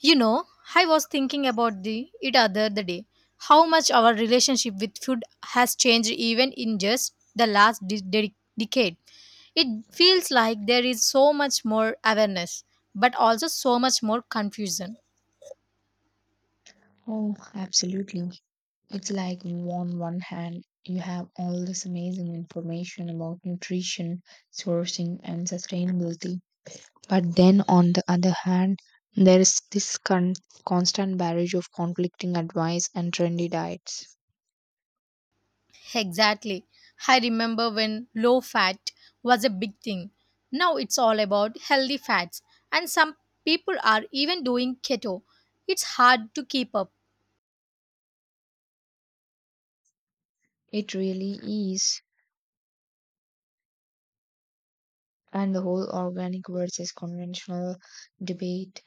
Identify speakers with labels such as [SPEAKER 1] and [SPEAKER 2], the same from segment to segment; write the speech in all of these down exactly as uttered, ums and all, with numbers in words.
[SPEAKER 1] You know, I was thinking about the it other the day. How much our relationship with food has changed even in just the last de- de- decade. It feels like there is so much more awareness, but also so much more confusion.
[SPEAKER 2] Oh, absolutely. It's like on one hand, you have all this amazing information about nutrition, sourcing, and sustainability. But then on the other hand, there is this con- constant barrage of conflicting advice and trendy diets.
[SPEAKER 1] Exactly. I remember when low fat was a big thing. Now it's all about healthy fats, and some people are even doing keto. It's hard to keep up.
[SPEAKER 2] It really is. And the whole organic versus conventional debate.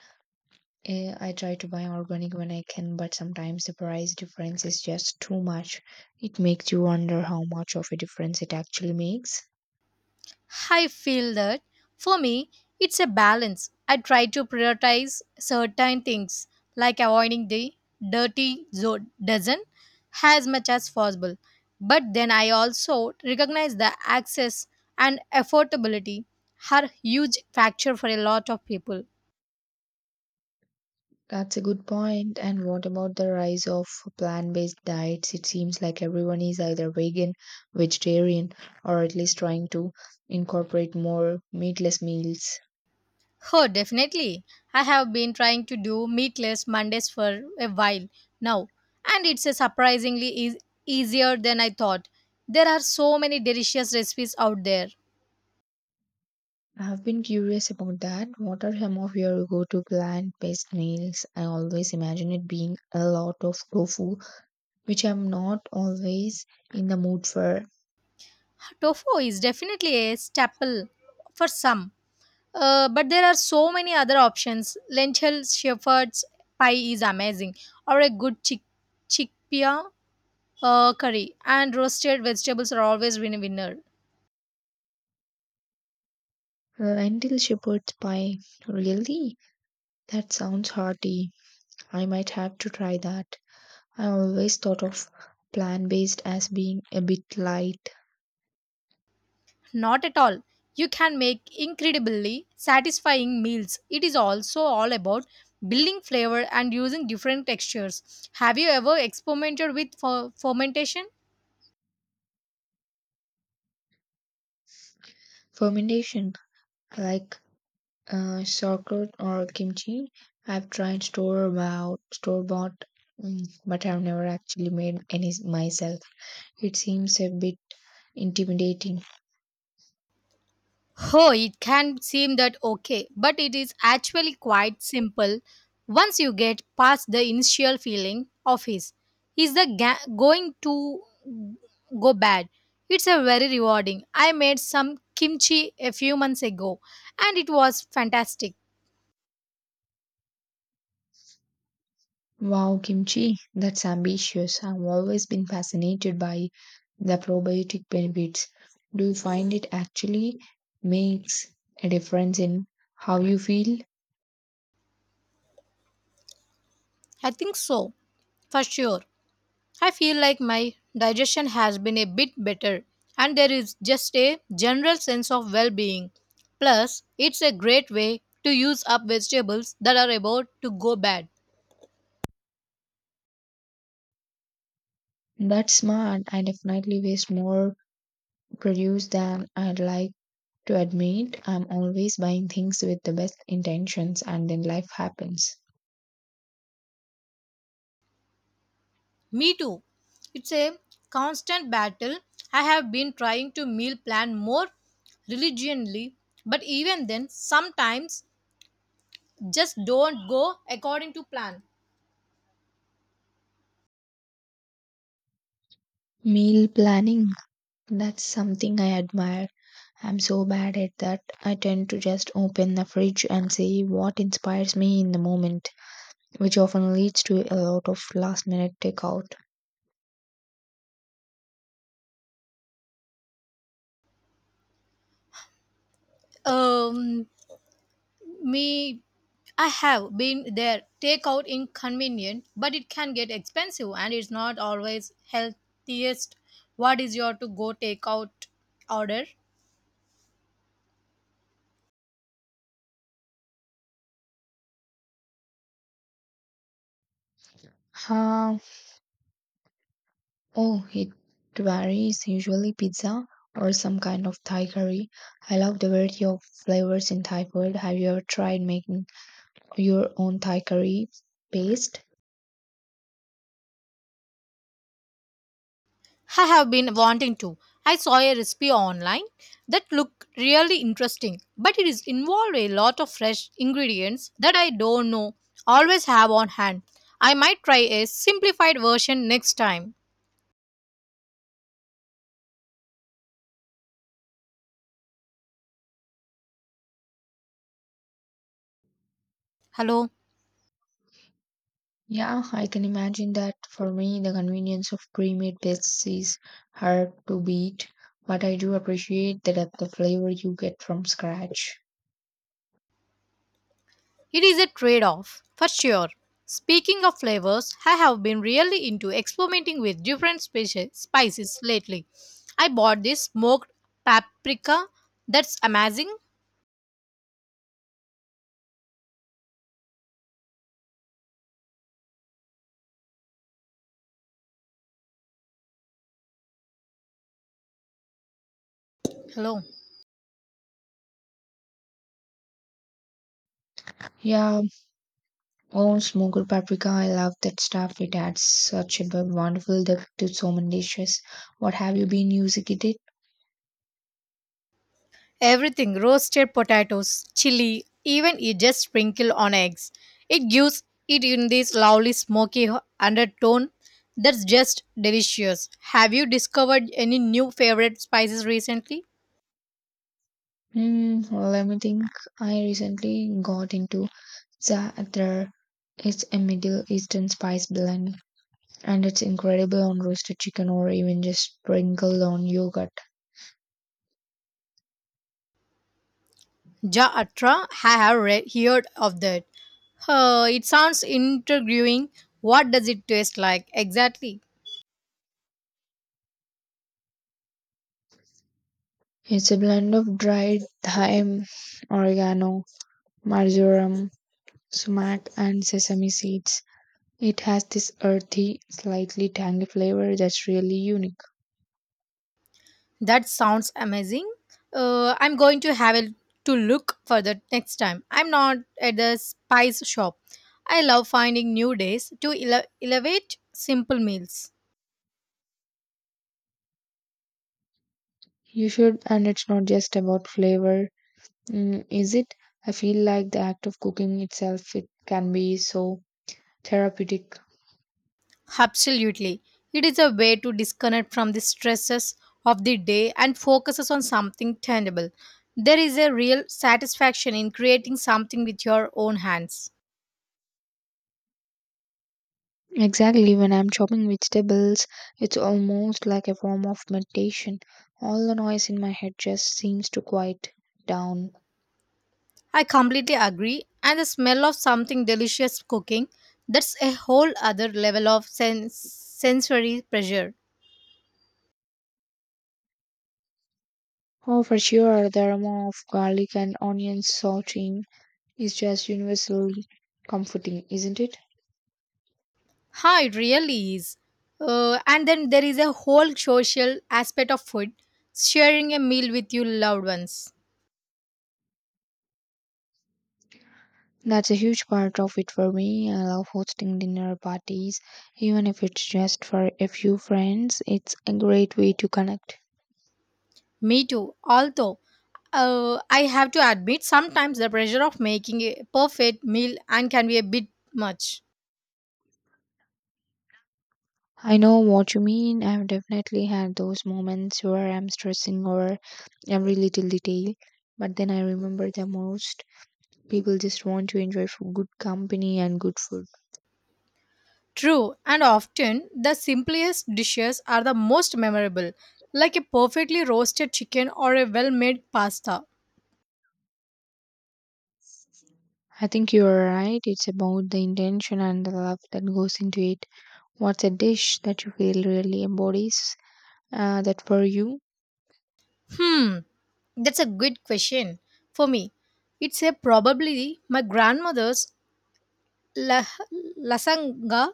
[SPEAKER 2] eh, I try to buy organic when I can, but sometimes the price difference is just too much. It makes you wonder how much of a difference it actually makes.
[SPEAKER 1] I feel that for me, it's a balance. I try to prioritize certain things like avoiding the dirty zone dozen as much as possible. But then I also recognize the access and affordability are huge factor for a lot of people.
[SPEAKER 2] That's a good point. And what about the rise of plant based diets? It seems like everyone is either vegan, vegetarian, or at least trying to incorporate more meatless meals.
[SPEAKER 1] Oh, definitely. I have been trying to do meatless Mondays for a while now, and it's a surprisingly eas easier than I thought. There are so many delicious recipes out there.
[SPEAKER 2] I've been curious about that. What are some of your go-to plant-based meals? I always imagine it being a lot of tofu, which I'm not always in the mood for.
[SPEAKER 1] Tofu is definitely a staple for some, uh, but there are so many other options. Lentil shepherd's pie is amazing, or a good chick- chickpea uh, curry, and roasted vegetables are always win winner.
[SPEAKER 2] Lentil shepherd's pie. Really? That sounds hearty. I might have to try that. I always thought of plant-based as being a bit light.
[SPEAKER 1] Not at all. You can make incredibly satisfying meals. It is also all about building flavor and using different textures. Have you ever experimented with fer- fermentation?
[SPEAKER 2] Fermentation, I like Uh, sauerkraut or kimchi. I've tried store bought store bought, mm, but I've never actually made any myself. It seems a bit intimidating.
[SPEAKER 1] Oh, it can seem that okay, but it is actually quite simple once you get past the initial feeling of his. Is the ga- going to go bad? It's a very rewarding. I made some kimchi a few months ago and it was fantastic.
[SPEAKER 2] Wow, kimchi, that's ambitious. I've always been fascinated by the probiotic benefits. Do you find it actually makes a difference in how you feel?
[SPEAKER 1] I think so, for sure. I feel like my digestion has been a bit better, and there is just a general sense of well being. Plus, it's a great way to use up vegetables that are about to go bad.
[SPEAKER 2] That's smart. I definitely waste more produce than I'd like to admit. I'm always buying things with the best intentions and then life happens.
[SPEAKER 1] Me too. It's a constant battle. I have been trying to meal plan more religiously, but even then, sometimes just don't go according to plan.
[SPEAKER 2] Meal planning, that's something I admire. I'm so bad at that. I tend to just open the fridge and see what inspires me in the moment, which often leads to a lot of last minute takeout.
[SPEAKER 1] Um, Me, I have been there. Takeout inconvenient, but it can get expensive and it's not always healthiest. What is your to go takeout order?
[SPEAKER 2] Huh. Oh, it varies. Usually pizza or some kind of Thai curry. I love the variety of flavors in Thai food. Have you ever tried making your own Thai curry paste?
[SPEAKER 1] I have been wanting to. I saw a recipe online that looked really interesting, but it is involved a lot of fresh ingredients that I don't know always have on hand. I might try a simplified version next time. Hello.
[SPEAKER 2] Yeah, I can imagine that. For me, the convenience of pre made bits is hard to beat, but I do appreciate the depth of flavor you get from scratch.
[SPEAKER 1] It is a trade off, for sure. Speaking of flavors, I have been really into experimenting with different speci- spices lately. I bought this smoked paprika that's amazing. Hello.
[SPEAKER 2] Yeah, oh, smoked paprika, I love that stuff. It adds such a bu- wonderful depth to so many dishes. What have you been using it in?
[SPEAKER 1] Everything roasted potatoes, chili, even you just sprinkle on eggs. It gives it in this lovely smoky h- undertone that's just delicious. Have you discovered any new favorite spices recently?
[SPEAKER 2] Hmm, well, let me think. I recently got into za'atar. It's a Middle Eastern spice blend, and it's incredible on roasted chicken or even just sprinkled on yogurt.
[SPEAKER 1] Ja I have read, heard of that. Uh, it sounds intriguing. What does it taste like exactly?
[SPEAKER 2] It's a blend of dried thyme, oregano, marjoram, sumac, and sesame seeds. It has this earthy, slightly tangy flavor that's really unique.
[SPEAKER 1] That sounds amazing. Uh, I'm going to have a, to look for that next time. I'm not at the spice shop. I love finding new days to ele- elevate simple meals.
[SPEAKER 2] You should, and it's not just about flavor, mm, is it? I feel like the act of cooking itself, it can be so therapeutic.
[SPEAKER 1] Absolutely. It is a way to disconnect from the stresses of the day and focuses on something tangible. There is a real satisfaction in creating something with your own hands.
[SPEAKER 2] Exactly, when I'm chopping vegetables, it's almost like a form of meditation. All the noise in my head just seems to quiet down.
[SPEAKER 1] I completely agree, and the smell of something delicious cooking, that's a whole other level of sen- sensory pressure.
[SPEAKER 2] Oh, for sure, the aroma of garlic and onion sauteing is just universally comforting, isn't it?
[SPEAKER 1] Ha, it really is. Uh, and then there is a whole social aspect of food, sharing a meal with your loved ones.
[SPEAKER 2] That's a huge part of it for me. I love hosting dinner parties, even if it's just for a few friends. It's a great way to connect.
[SPEAKER 1] Me too. Although, uh, I have to admit, sometimes the pressure of making a perfect meal and can be a bit much.
[SPEAKER 2] I know what you mean. I've definitely had those moments where I'm stressing over every little detail, but then I remember the most people just want to enjoy f- good company and good food.
[SPEAKER 1] True, and often the simplest dishes are the most memorable, like a perfectly roasted chicken or a well-made pasta.
[SPEAKER 2] I think you're right. It's about the intention and the love that goes into it. What's a dish that you feel really embodies uh, that for you?
[SPEAKER 1] Hmm, that's a good question for me. It's a probably my grandmother's la- lasanga.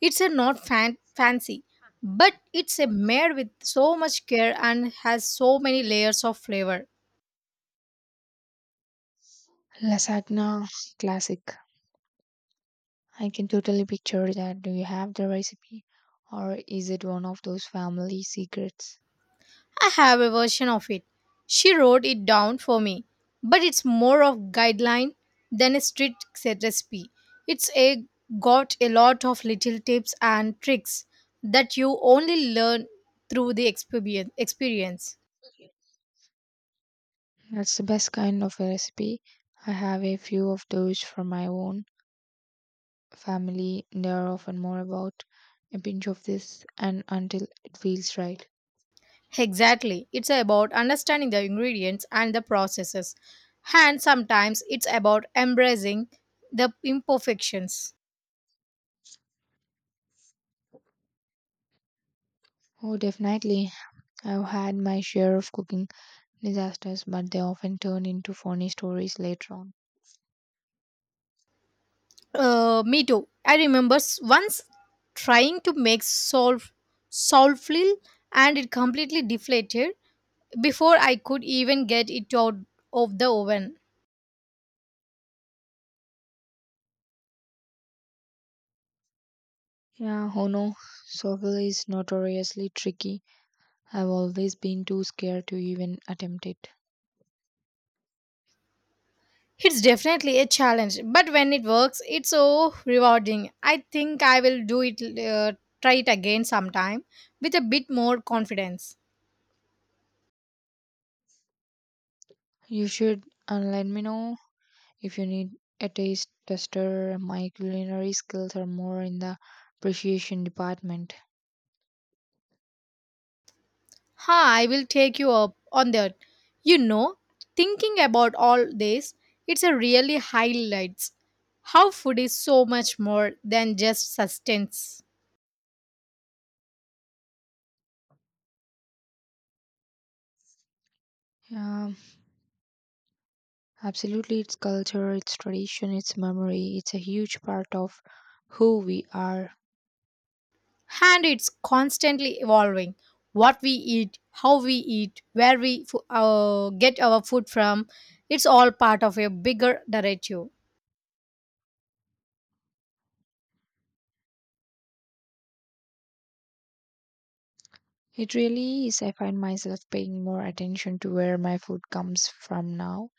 [SPEAKER 1] It's a not fan- fancy, but it's a made with so much care and has so many layers of flavor.
[SPEAKER 2] Lasagna, classic. I can totally picture that. Do you have the recipe, or is it one of those family secrets?
[SPEAKER 1] I have a version of it. She wrote it down for me, but it's more of guideline than a strict set recipe. It's a got a lot of little tips and tricks that you only learn through the experience experience.
[SPEAKER 2] That's the best kind of a recipe. I have a few of those from my own family. They are often more about a pinch of this and until it feels right.
[SPEAKER 1] Exactly. It's about understanding the ingredients and the processes. And sometimes it's about embracing the imperfections.
[SPEAKER 2] Oh, definitely. I've had my share of cooking disasters, but they often turn into funny stories later on.
[SPEAKER 1] Uh, me too. I remember s- once trying to make solve solflil and it completely deflated before I could even get it out of the oven.
[SPEAKER 2] Yeah, oh no, Sovel is notoriously tricky. I've always been too scared to even attempt it.
[SPEAKER 1] It's definitely a challenge, but when it works, it's so rewarding. I think I will do it, uh, try it again sometime with a bit more confidence.
[SPEAKER 2] You should, and let me know if you need a taste tester. My culinary skills are more in the appreciation department.
[SPEAKER 1] Ha, I will take you up on that. You know, thinking about all this, it's a really highlights how food is so much more than just sustenance.
[SPEAKER 2] Yeah, absolutely. It's culture, it's tradition, it's memory. It's a huge part of who we are.
[SPEAKER 1] And it's constantly evolving. What we eat, how we eat, where we fo- uh, get our food from, it's all part of a bigger narrative.
[SPEAKER 2] It really is. I find myself paying more attention to where my food comes from now,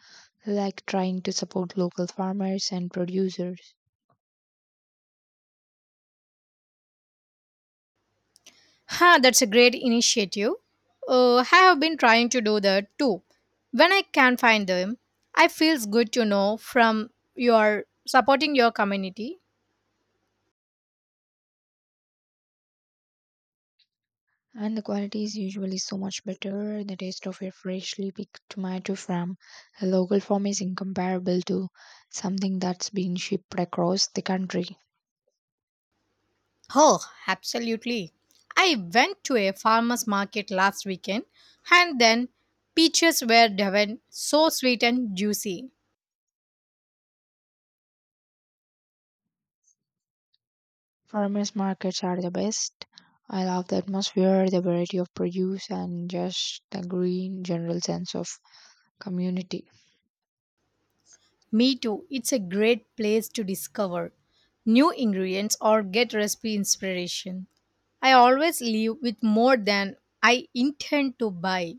[SPEAKER 2] like trying to support local farmers and producers.
[SPEAKER 1] Huh, that's a great initiative. Uh, I have been trying to do that too. When I can find them, I feels good to know from your supporting your community.
[SPEAKER 2] And the quality is usually so much better. The taste of a freshly picked tomato from a local farm is incomparable to something that's been shipped across the country.
[SPEAKER 1] Oh, absolutely. I went to a farmer's market last weekend and then peaches were driven so sweet and juicy.
[SPEAKER 2] Farmers markets are the best. I love the atmosphere, the variety of produce, and just the green general sense of community.
[SPEAKER 1] Me too. It's a great place to discover new ingredients or get recipe inspiration. I always leave with more than I intend to buy.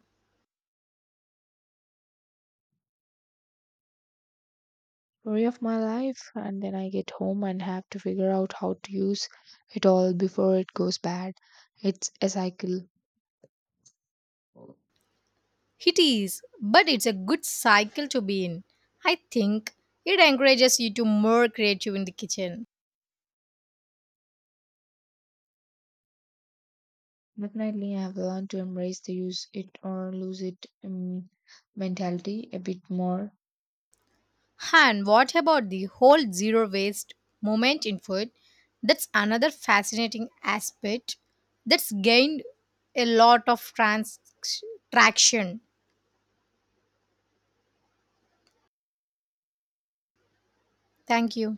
[SPEAKER 2] Story of my life, and then I get home and have to figure out how to use it all before it goes bad. It's a cycle.
[SPEAKER 1] It is, but it's a good cycle to be in. I think it encourages you to more creative in the kitchen.
[SPEAKER 2] Definitely, I have learned to embrace the use it or lose it um, mentality a bit more.
[SPEAKER 1] And what about the whole zero waste moment in food? That's another fascinating aspect that's gained a lot of trans- traction. Thank you.